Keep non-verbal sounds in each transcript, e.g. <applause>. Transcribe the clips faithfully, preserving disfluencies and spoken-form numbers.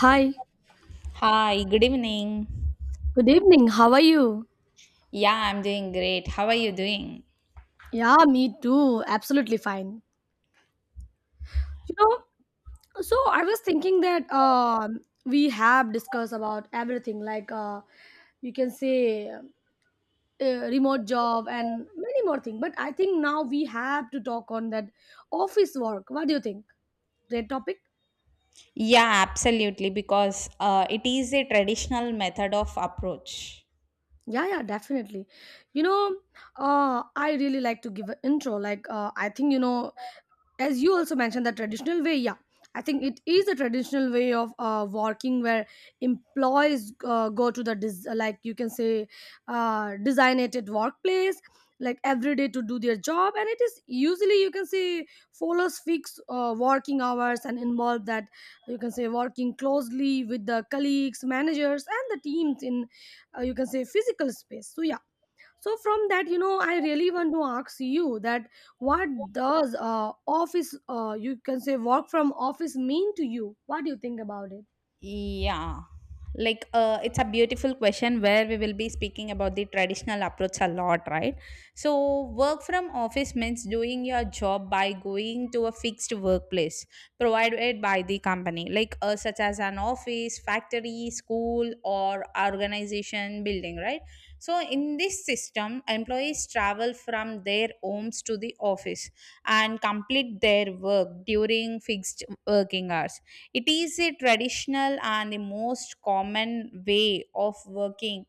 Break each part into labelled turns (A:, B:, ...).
A: Hi,
B: Hi, good evening.
A: good evening. How are you?
B: Yeah, I'm doing great. How are you doing?
A: Yeah, me too. Absolutely fine. You know, so I was thinking that um, we have discussed about everything, like uh, you can say uh, remote job and many more things. But I think now we have to talk on that office work. What do you think? Great topic.
B: Yeah, absolutely, because uh, it is a traditional method of approach.
A: Yeah, yeah, definitely. You know, uh, I really like to give an intro. Like, uh, I think you know, as you also mentioned, the traditional way. Yeah, I think it is a traditional way of uh, working, where employees uh, go to the des- like you can say uh, designated workplace like every day to do their job, and it is usually, you can say, follows fixed uh, working hours and involve that, you can say, working closely with the colleagues, managers and the teams in uh, you can say physical space. So yeah, so from that, you know, I really want to ask you that what does uh, office uh, you can say, work from office mean to you? What do you think about it?
B: Yeah. Like uh, it's a beautiful question where we will be speaking about the traditional approach a lot, right? So, work from office means doing your job by going to a fixed workplace provided by the company, like uh, such as an office, factory, school, or organization building, right? So, in this system, employees travel from their homes to the office and complete their work during fixed working hours. It is a traditional and the most common way of working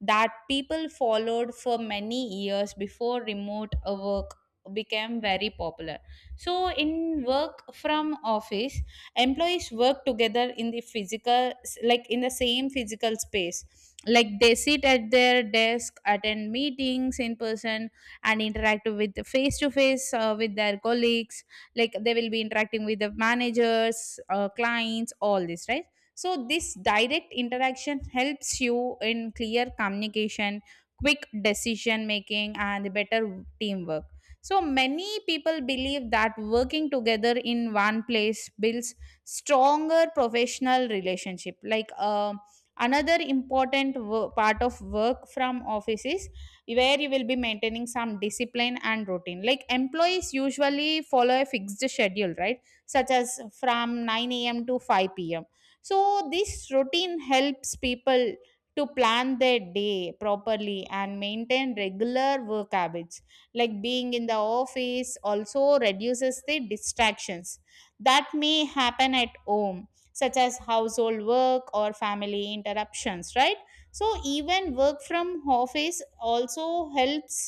B: that people followed for many years before remote uh, work became very popular. So, in work from office, employees work together in the physical, like in the same physical space. Like they sit at their desk, attend meetings in person, and interact with face to face uh, with their colleagues, like they will be interacting with the managers, uh, clients, all this, right? So this direct interaction helps you in clear communication, quick decision making, and better teamwork. So many people believe that working together in one place builds stronger professional relationship. Like um another important wo- part of work from offices where you will be maintaining some discipline and routine. Like employees usually follow a fixed schedule, right? Such as from nine a m to five p m. So this routine helps people to plan their day properly and maintain regular work habits. Like being in the office also reduces the distractions that may happen at home, such as household work or family interruptions, right? So even work from office also helps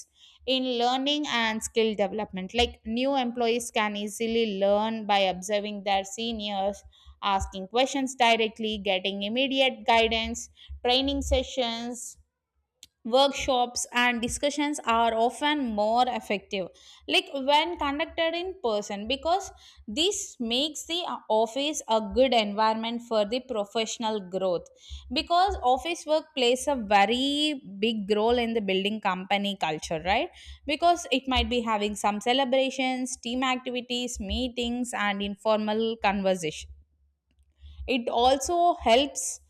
B: in learning and skill development, like new employees can easily learn by observing their seniors, asking questions directly, getting immediate guidance. Training sessions, workshops, and discussions are often more effective like when conducted in person, because this makes the uh, office a good environment for the professional growth, because office work plays a very big role in the building company culture, right? Because it might be having some celebrations, team activities, meetings, and informal conversation. It also helps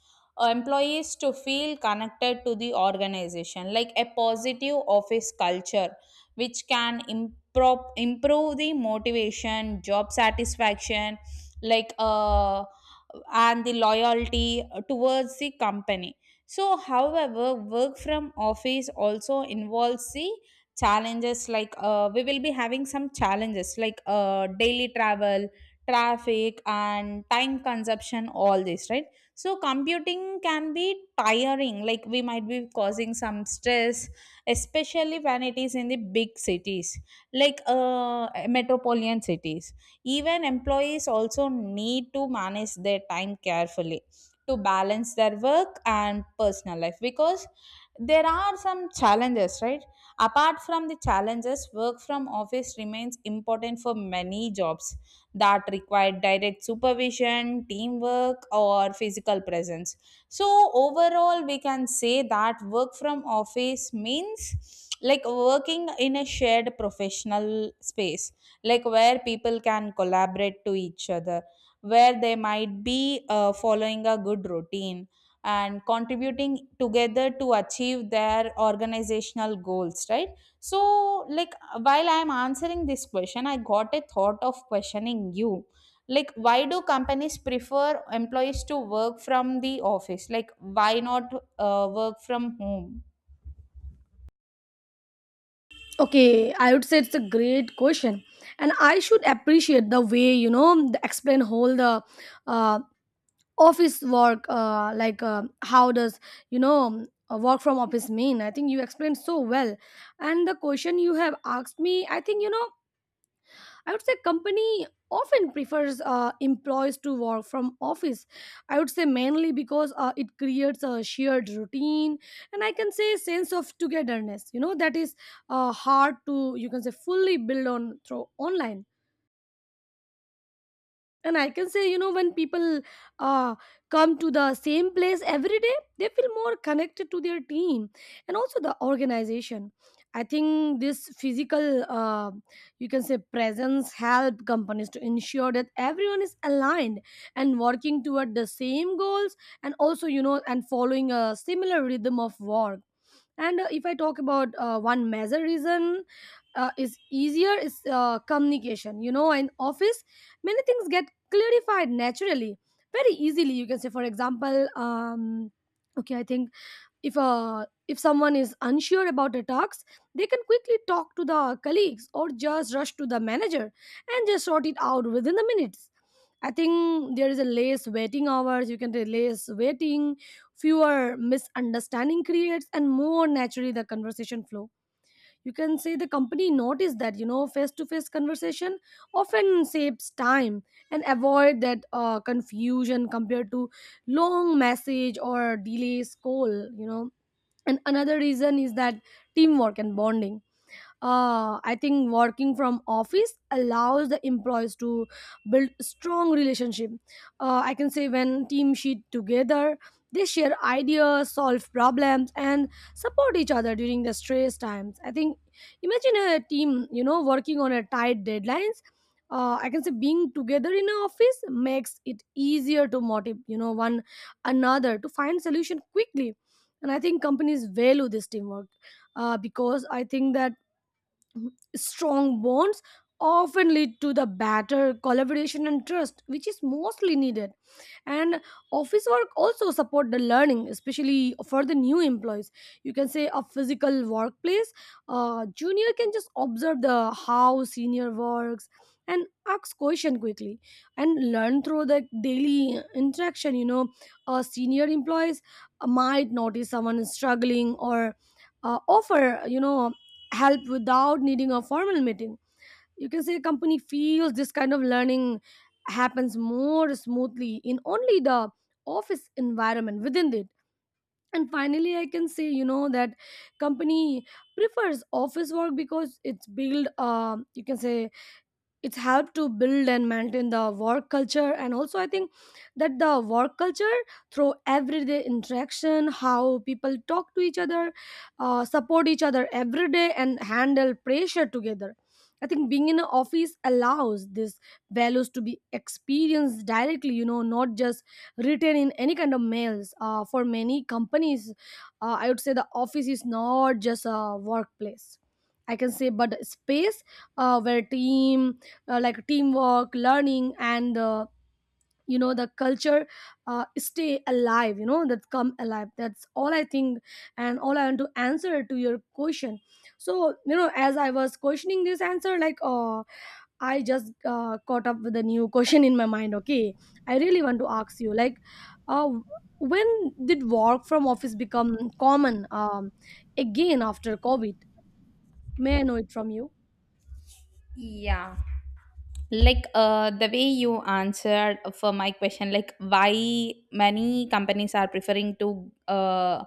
B: uh, employees to feel connected to the organization, like a positive office culture, which can improve, improve the motivation, job satisfaction, like uh, and the loyalty towards the company. So, however, work from office also involves the challenges, like uh, we will be having some challenges like uh, daily travel, traffic, and time consumption, all this, right? So computing can be tiring, like we might be causing some stress, especially when it is in the big cities, like uh, metropolitan cities. Even employees also need to manage their time carefully to balance their work and personal life, because there are some challenges, right? Apart from the challenges, work from office remains important for many jobs that required direct supervision, teamwork, or physical presence. So, overall, we can say that work from office means like working in a shared professional space, like where people can collaborate to each other, where they might be uh, following a good routine and contributing together to achieve their organizational goals, right? So, like, while I'm answering this question, I got a thought of questioning you. Like, why do companies prefer employees to work from the office? Like, why not uh, work from home?
A: Okay, I would say it's a great question, and I should appreciate the way, you know, the explain whole the uh, office work uh, like uh, how does, you know, a work from office mean. I think you explained so well. And the question you have asked me, I think, you know, I would say company often prefers uh, employees to work from office. I would say mainly because uh, it creates a shared routine and, I can say, sense of togetherness. You know, that is uh, hard to, you can say, fully build on through online. And I can say, you know, when people uh, come to the same place every day, they feel more connected to their team and also the organization. I think this physical uh, you can say presence help companies to ensure that everyone is aligned and working toward the same goals, and also, you know, and following a similar rhythm of work. And uh, if I talk about uh, one major reason, uh, is easier is uh, communication, you know, in office many things get clarified naturally very easily. You can say, for example, um okay, I think if uh, if someone is unsure about a task, they can quickly talk to the colleagues or just rush to the manager and just sort it out within the minutes. I think there is a less waiting hours, you can say, less waiting, fewer misunderstanding creates and more naturally the conversation flow. You can say the company noticed that, you know, face to face conversation often saves time and avoid that uh, confusion compared to long message or delays call, you know. And another reason is that teamwork and bonding. uh, I think working from office allows the employees to build strong relationship. uh, I can say when team sheet together, they share ideas, solve problems and support each other during the stress times. I think imagine a team, you know, working on a tight deadlines. uh, I can say being together in an office makes it easier to motivate, you know, one another to find solution quickly. And I think companies value this teamwork, uh, because I think that strong bonds often lead to the better collaboration and trust, which is mostly needed. And office work also support the learning, especially for the new employees. You can say a physical workplace, uh, junior can just observe the how senior works and ask question quickly and learn through the daily interaction, you know. Uh, senior employees might notice someone is struggling or uh, offer, you know, help without needing a formal meeting. You can say company feels this kind of learning happens more smoothly in only the office environment within it. And finally, I can say, you know, that company prefers office work because it's built um you can say, it's helped to build and maintain the work culture. And also I think that the work culture through everyday interaction, how people talk to each other, uh, support each other every day and handle pressure together. I think being in an office allows these values to be experienced directly, you know, not just written in any kind of mails. Uh, for many companies, uh, I would say the office is not just a workplace, I can say, but a space uh, where team uh, like teamwork, learning and uh, you know the culture uh, stay alive, you know, that come alive. That's all I think, and all I want to answer to your question. So you know, as I was questioning this answer, like uh, I just uh, caught up with a new question in my mind. Okay, I really want to ask you like uh, when did work from office become common, um, again after COVID? May I know it from you?
B: Yeah. Like uh, the way you answered for my question, like why many companies are preferring to uh,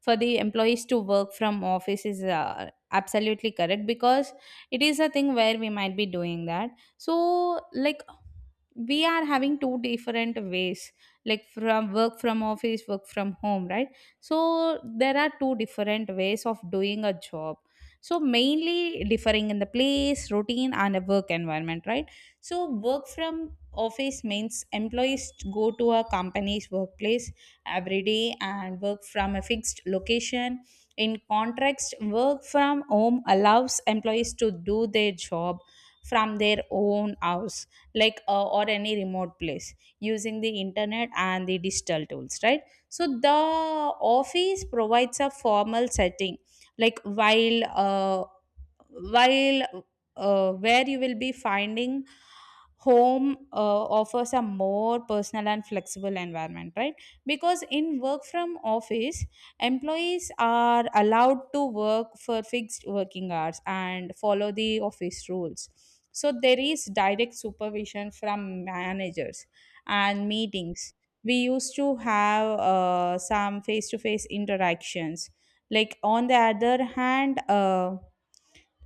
B: for the employees to work from office is uh, absolutely correct, because it is a thing where we might be doing that. So like we are having two different ways, like from work from office, work from home, right? So there are two different ways of doing a job, so, mainly differing in the place, routine, and a work environment, right? So, work from office means employees go to a company's workplace every day and work from a fixed location. In contrast, work from home allows employees to do their job from their own house, like uh, or any remote place using the internet and the digital tools, right? So the office provides a formal setting, like while uh, while uh, where you will be finding home uh, offers a more personal and flexible environment, right? Because in work from office, employees are allowed to work for fixed working hours and follow the office rules. So there is direct supervision from managers, and meetings we used to have uh, some face to face interactions. like on the other hand uh,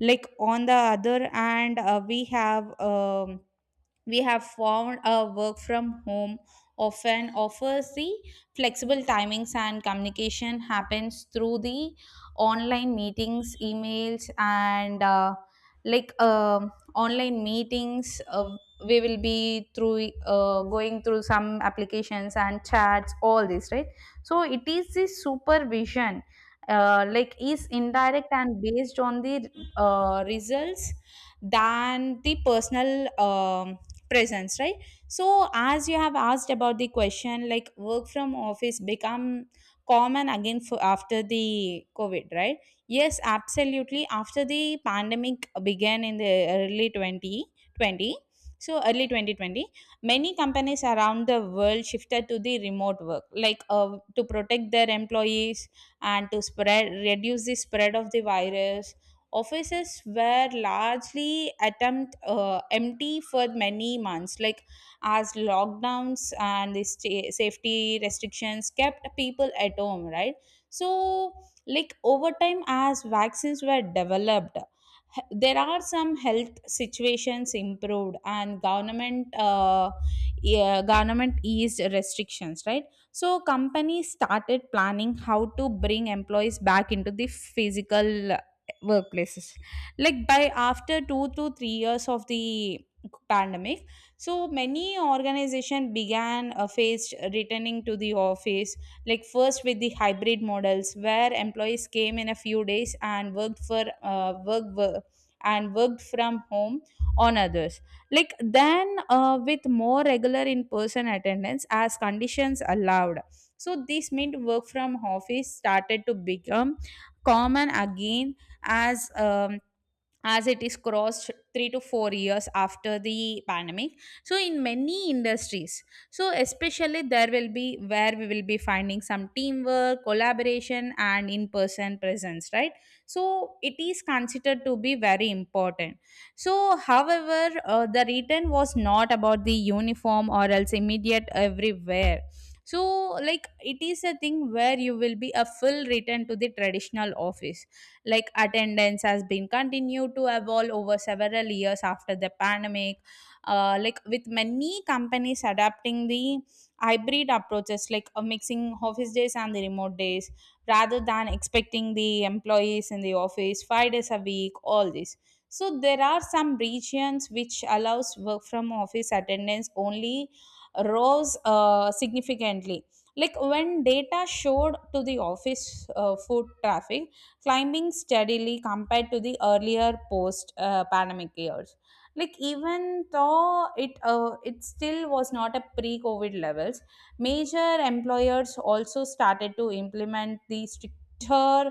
B: like on the other hand, uh, we have um, we have found a work from home often offers the flexible timings, and communication happens through the online meetings, emails, and uh, like um online meetings. Uh, we will be through uh, going through some applications and chats, all this, right? So it is the supervision, uh, like is indirect and based on the uh, results than the personal um, presence, right? So as you have asked about the question, like work from office become common again for after the COVID, right? Yes, absolutely. After the pandemic began in the early twenty twenty, so early twenty twenty, many companies around the world shifted to the remote work, like uh, to protect their employees and to spread reduce the spread of the virus. Offices were largely attempt uh, empty for many months, like as lockdowns and the sta- safety restrictions kept people at home, right? So like over time, as vaccines were developed, h- there are some health situations improved, and government uh, yeah, government eased restrictions, right? So companies started planning how to bring employees back into the physical workplaces, like by after two to three years of the pandemic. So many organization began uh, faced returning to the office, like first with the hybrid models where employees came in a few days and worked for uh, work, work and worked from home on others. Like then uh, with more regular in-person attendance as conditions allowed. So this meant work from office started to become common again, as um, as it is crossed three to four years after the pandemic. So in many industries, so especially there will be where we will be finding some teamwork, collaboration, and in person presence, right? So it is considered to be very important. So however, uh, the return was not about the uniform or else immediate everywhere. So like it is a thing where you will be a full return to the traditional office, like attendance has been continued to evolve over several years after the pandemic, uh, like with many companies adapting the hybrid approaches, like a mixing office days and the remote days, rather than expecting the employees in the office five days a week, all this. So there are some regions which allows work from office attendance only rose uh, significantly, like when data showed to the office uh, foot traffic climbing steadily compared to the earlier post uh, pandemic years, like even though it uh, it still was not a pre COVID levels. Major employers also started to implement the stricter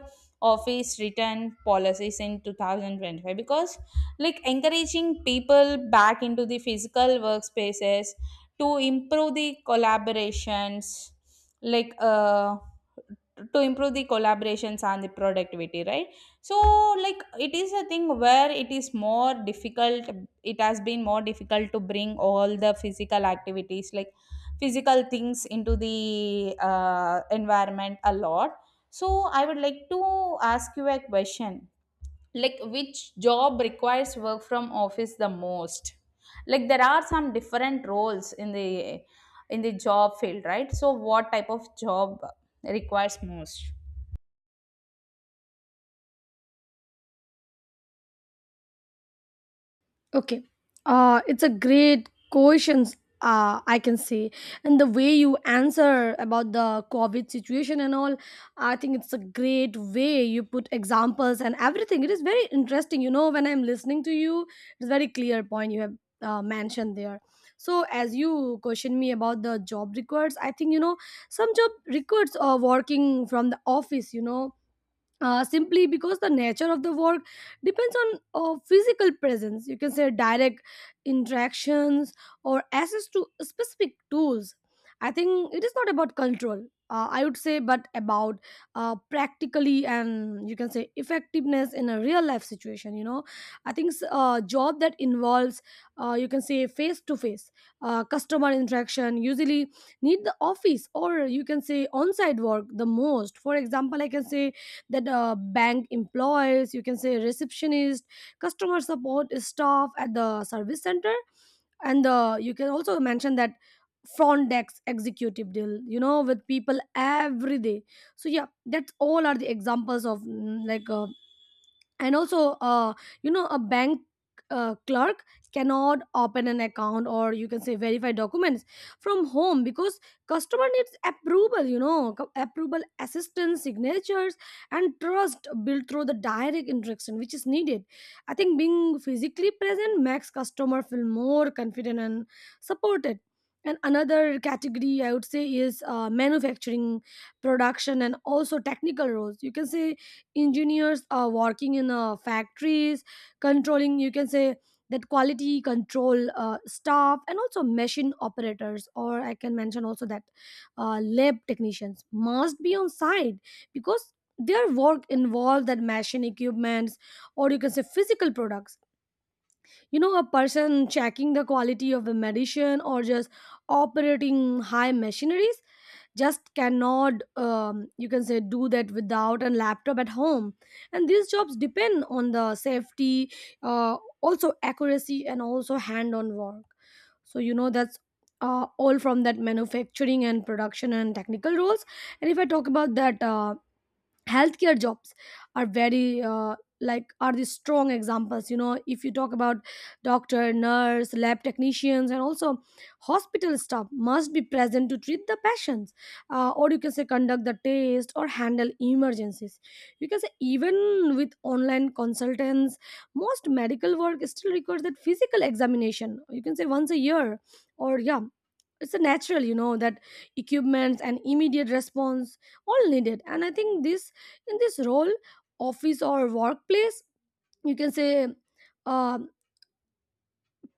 B: office return policies in two thousand twenty-five, because like encouraging people back into the physical workspaces to improve the collaborations, like uh to improve the collaborations and the productivity, right? So like it is a thing where it is more difficult, it has been more difficult to bring all the physical activities, like physical things into the uh, environment a lot. So I would like to ask you a question, like which job requires work from office the most? Like there are some different roles in the in the job field, right? So what type of job requires most?
A: Okay. Uh, it's a great question, uh, I can say. And the way you answer about the COVID situation and all, I think it's a great way you put examples and everything. It is very interesting. You know, when I'm listening to you, it's very clear point you have uh, mentioned there. So as you question me about the job records, I think, you know, some job records are working from the office, you know, uh, simply because the nature of the work depends on uh, physical presence. You can say direct interactions or access to specific tools. I think it is not about control. Uh, I would say, but about uh, practically and, you can say, effectiveness in a real life situation. You know, I think s- a job that involves uh, you can say face to face customer interaction usually need the office, or you can say on site work the most. For example, I can say that uh, bank employees, you can say receptionist, customer support staff at the service center, and uh, you can also mention that front desk executive deal, you know, with people every day. So yeah, that's all are the examples of mm, like uh, and also uh, you know, a bank uh, clerk cannot open an account, or you can say verify documents from home, because customer needs approval, you know, co- approval, assistance, signatures, and trust built through the direct interaction, which is needed. I think being physically present makes customer feel more confident and supported. And another category, I would say, is uh, manufacturing, production and also technical roles. You can say engineers are working in uh, factories, controlling, you can say, that quality control uh, staff and also machine operators, or I can mention also that uh, lab technicians must be on site, because their work involves that machine equipments or, you can say, physical products. You know, a person checking the quality of a medicine or just operating high machineries just cannot um, you can say do that without a laptop at home. And these jobs depend on the safety, uh, also accuracy and also hand on work. So you know that's uh, all from that manufacturing and production and technical roles. And if I talk about that uh, healthcare jobs are very uh, like are the strong examples. You know, if you talk about doctor, nurse, lab technicians and also hospital staff must be present to treat the patients, uh, or you can say conduct the test or handle emergencies. You can say even with online consultants, most medical work still requires that physical examination, you can say once a year, or yeah, it's a natural, you know, that equipments and immediate response all needed. And I think this in this role, office or workplace, you can say uh,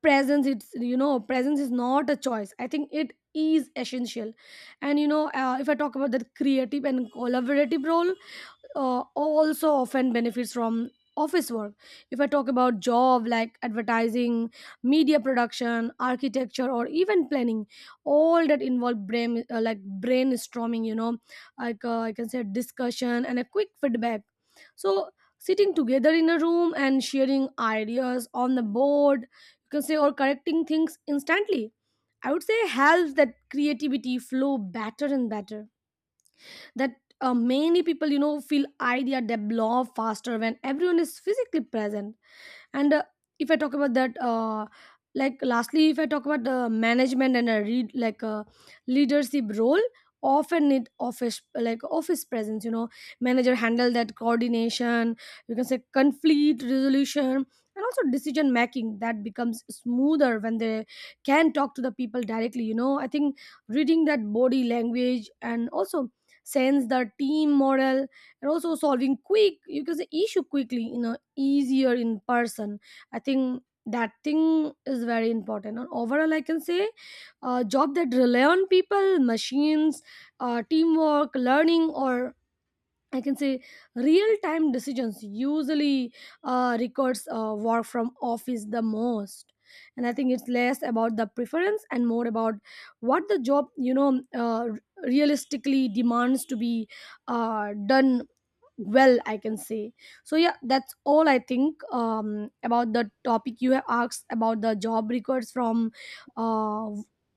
A: presence it's you know presence is not a choice. I think it is essential. And you know, uh, if I talk about the creative and collaborative role, uh, also often benefits from office work. If I talk about job like advertising, media production, architecture or even planning, all that involve brain uh, like brainstorming, you know, like uh, I can say discussion and a quick feedback. So sitting together in a room and sharing ideas on the board, you can say, or correcting things instantly, I would say helps that creativity flow better and better. That uh, many people, you know, feel idea develop faster when everyone is physically present. And uh, if I talk about that uh, like lastly, if I talk about the management and a read like a leadership role, often need office, like office presence, you know. Manager handle that coordination, you can say conflict resolution, and also decision making, that becomes smoother when they can talk to the people directly, you know. I think reading that body language and also sense the team morale, and also solving quick, you can say issue quickly, you know, easier in person. I think that thing is very important. And overall, I can say a job that rely on people machines, uh, teamwork, learning, or I can say real time decisions usually uh, records uh, work from office the most. And I think it's less about the preference and more about what the job you know uh, realistically demands to be uh, done well, I can say. So yeah, that's all I think um, about the topic you have asked, about the job records from uh,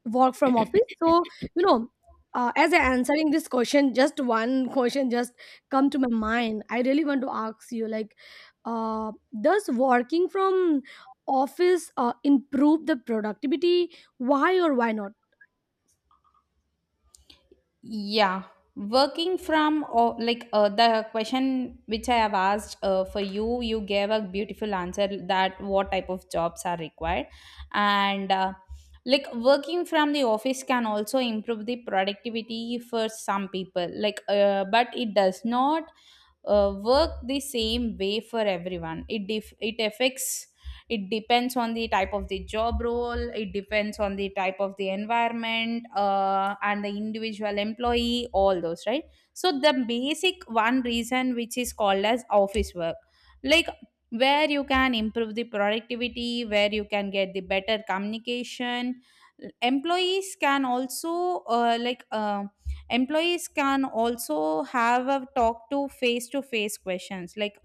A: work from office. So you know uh, as I answering this question, just one question just come to my mind. I really want to ask you, like, uh, does working from office uh, improve the productivity? Why or why not?
B: Yeah, working from, or like uh, the question which I have asked uh, for you, you gave a beautiful answer that what type of jobs are required. And uh, like working from the office can also improve the productivity for some people, like uh, but it does not uh, work the same way for everyone. It def- it affects, it depends on the type of the job role, it depends on the type of the environment, uh, and the individual employee, all those, right? So the basic one reason which is called as office work, like where you can improve the productivity, where you can get the better communication. Employees can also uh, like uh employees can also have a talk to face to face questions, like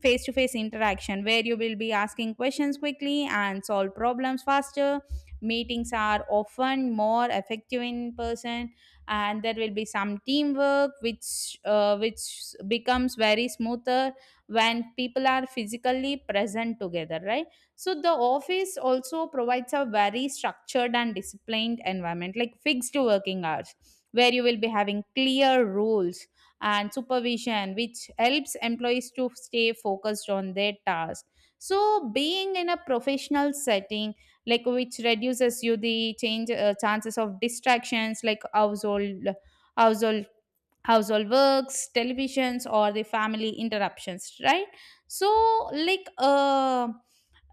B: face to face interaction where you will be asking questions quickly and solve problems faster. Meetings are often more effective in person, and there will be some teamwork which uh, which becomes very smoother when people are physically present together, right? So the office also provides a very structured and disciplined environment, like fixed working hours, where you will be having clear rules and supervision, which helps employees to stay focused on their task. So, being in a professional setting, like which reduces you the change uh, chances of distractions, like household, household, household works, televisions, or the family interruptions, right? So, like, uh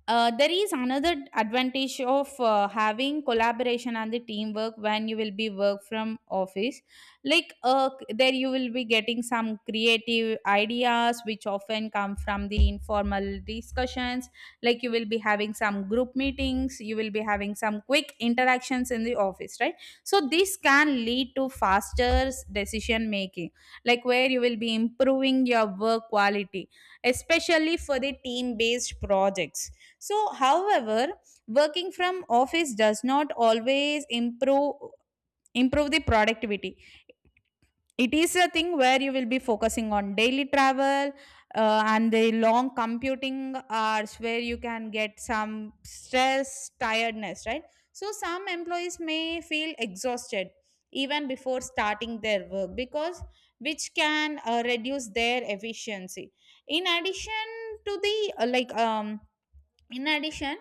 B: uh, there is another advantage of uh, having collaboration and the teamwork when you will be work from office like uh, there you will be getting some creative ideas which often come from the informal discussions. Like you will be having some group meetings, you will be having some quick interactions in the office, right? So this can lead to faster decision making, like where you will be improving your work quality, especially for the team based projects. So, however, working from office does not always improve improve the productivity. It is a thing where you will be focusing on daily travel uh, and the long computing hours where you can get some stress, tiredness, right? So, some employees may feel exhausted even before starting their work because which can uh, reduce their efficiency. in addition to the uh, like um in addition,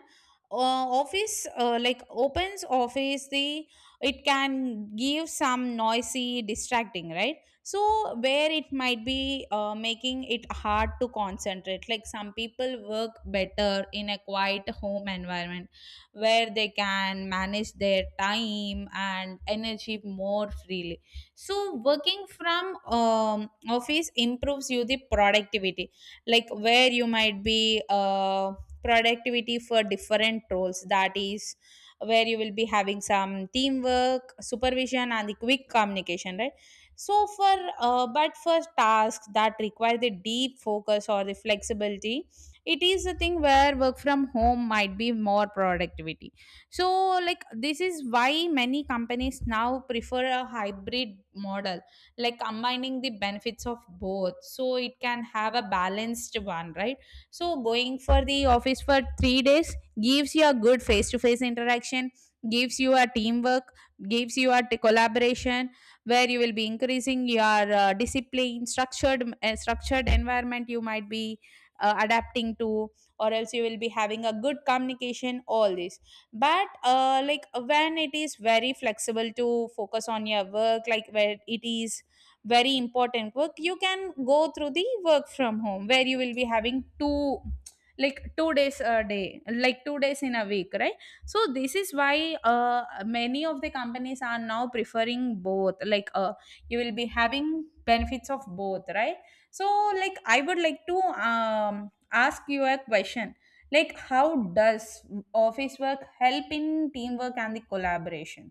B: uh, office uh, like opens office the it can give some noisy distracting, right? So where it might be uh, making it hard to concentrate, like some people work better in a quiet home environment where they can manage their time and energy more freely. So working from um, office improves you the productivity, like where you might be um, productivity for different roles, that is where you will be having some teamwork, supervision and the quick communication, right? So for uh, but for tasks that require the deep focus or the flexibility, it is a thing where work from home might be more productivity. So, like, this is why many companies now prefer a hybrid model, like combining the benefits of both, so it can have a balanced one, right? So going for the office for three days gives you a good face to face interaction, gives you a teamwork, gives you a t- collaboration, where you will be increasing your uh, discipline structured uh, structured environment. You might be uh, adapting to, or else you will be having a good communication, all this. But uh, like when it is very flexible to focus on your work, like where it is very important work, you can go through the work from home where you will be having two like two days a day like two days in a week, right? So this is why uh, many of the companies are now preferring both, like uh, you will be having benefits of both, right? So, like, I would like to um, ask you a question, like how does office work help in teamwork and the collaboration?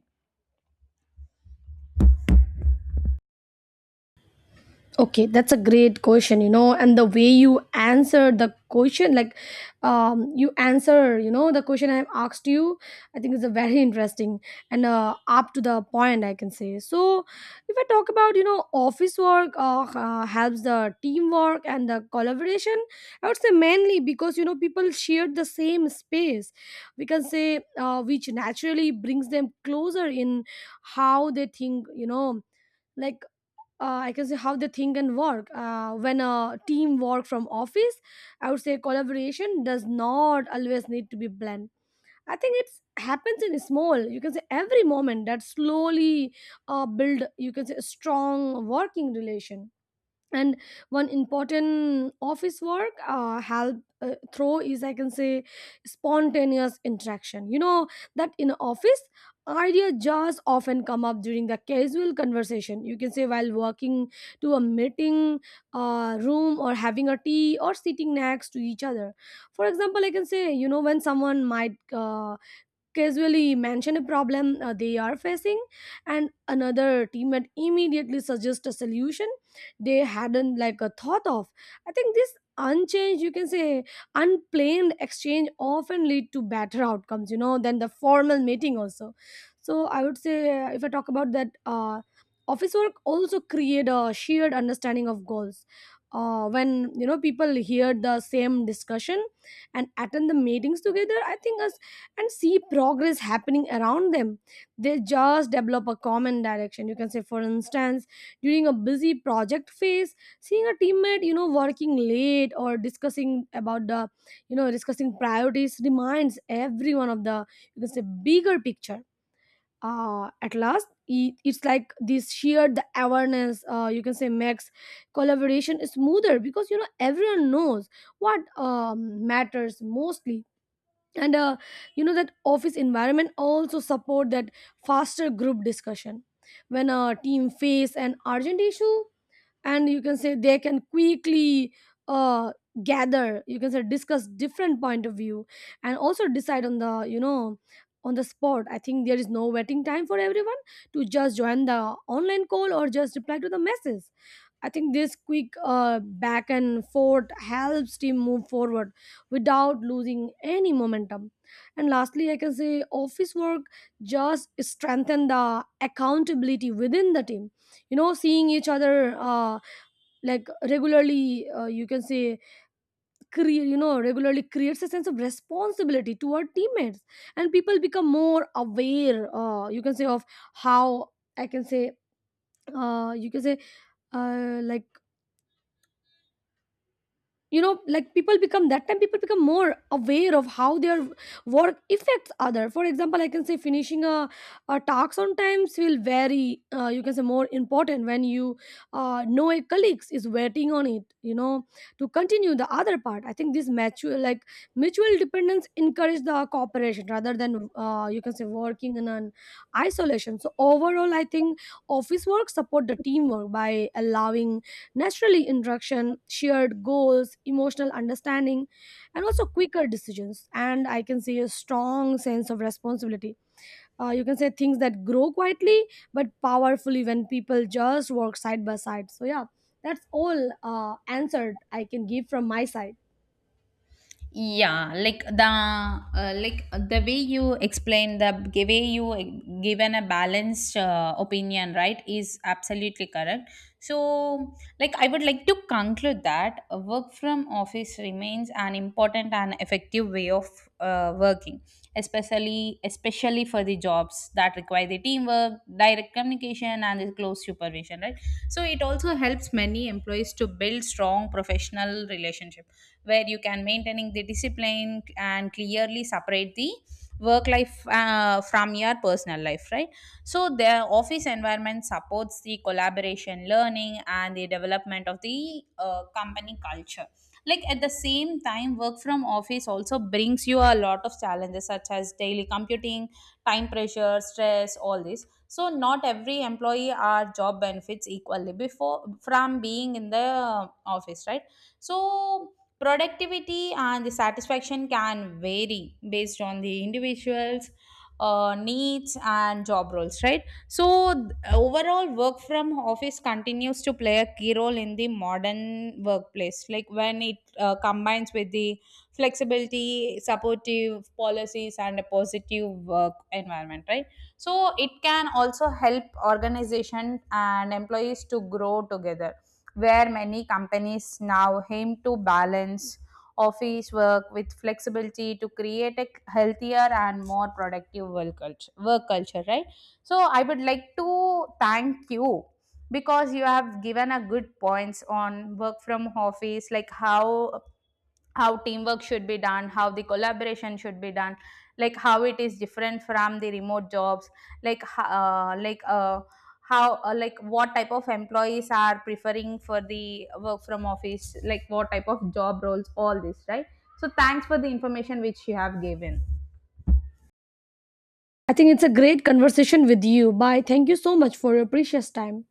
A: Okay, that's a great question, you know, and the way you answered the question, like, um, you answer, you know, the question I've asked you, I think is a very <laughs> interesting and uh, up to the point, I can say. So, if I talk about, you know, office work uh, uh, helps the teamwork and the collaboration, I would say mainly because, you know, people share the same space, we can say, uh, which naturally brings them closer in how they think, you know, like, uh, I can say how they think and work. Uh, when a team work from office, I would say collaboration does not always need to be planned. I think it's happens in small. You can say every moment that slowly uh, build. You can say a strong working relation, and one important office work uh, help uh, throw is, I can say, spontaneous interaction, you know, that in office idea just often come up during the casual conversation. You can say while walking to a meeting uh, room, or having a tea, or sitting next to each other. For example, I can say, you know, when someone might uh, casually mention a problem uh, they are facing, and another teammate immediately suggests a solution they hadn't like a thought of. I think this unchanged, you can say, unplanned exchange often lead to better outcomes, you know, than the formal meeting also. So I would say, uh, if I talk about that, uh, office work also create a shared understanding of goals. Uh, when, you know, people hear the same discussion and attend the meetings together, I think a and see progress happening around them. They just develop a common direction. You can say, for instance, during a busy project phase, seeing a teammate, you know, working late or discussing about the, you know, discussing priorities reminds everyone of the, you can say, bigger picture. Uh, at last, i- it's like this shared the awareness, uh, you can say, makes collaboration smoother because, you know, everyone knows what um, matters mostly. And uh, you know that office environment also support that faster group discussion. When a team face an urgent issue, and you can say they can quickly uh, gather, you can say, discuss different point of view, and also decide on the, you know, on the spot. I think there is no waiting time for everyone to just join the online call or just reply to the message. I think this quick uh, back and forth helps team move forward without losing any momentum. And lastly, I can say office work just strengthen the accountability within the team. You know, seeing each other uh, like regularly, uh, you can say, cre- you know, regularly creates a sense of responsibility toward teammates, and people become more aware. Uh, you can say of how I can say, uh, you can say, uh, like, you know, like, people become that time people become more aware of how their work affects other. For example, I can say finishing a, a task sometimes will very uh, you can say more important when you uh, know a colleague is waiting on it, you know, to continue the other part. I think this mutual like mutual dependence encourage the cooperation rather than uh, you can say working in an isolation. So overall, I think office work support the teamwork by allowing naturally, interaction, shared goals, emotional understanding, and also quicker decisions. And I can see a strong sense of responsibility. Uh, you can say things that grow quietly but powerfully when people just work side by side. So, yeah, that's all uh, answered I can give from my side.
B: Yeah, like the uh, like the way you explain the g- way you uh, given a balanced uh, opinion, right, is absolutely correct. So, like, I would like to conclude that work from office remains an important and effective way of uh, working, especially especially for the jobs that require the teamwork, direct communication and the close supervision, right? So it also helps many employees to build strong professional relationship, where you can maintaining the discipline and clearly separate the work life uh, from your personal life, right? So the office environment supports the collaboration, learning and the development of the uh, company culture. Like at the same time, work from office also brings you a lot of challenges, such as daily computing, time pressure, stress, all this. So not every employee are job benefits equally before from being in the uh, office, right? So productivity and the satisfaction can vary based on the individuals uh, needs and job roles, right? So th- overall, work from office continues to play a key role in the modern workplace, like when it uh, combines with the flexibility, supportive policies and a positive work environment, right? So it can also help organization and employees to grow together, where many companies now aim to balance office work with flexibility to create a healthier and more productive work culture, work culture, right? So I would like to thank you because you have given a good points on work from office, like how how teamwork should be done, how the collaboration should be done, like how it is different from the remote jobs, like ho- uh, like uh, how uh, like what type of employees are preferring for the work from office, like what type of job roles, all this, right? So thanks for the information which you have given.
A: I think it's a great conversation with you. Bye. Thank you so much for your precious time.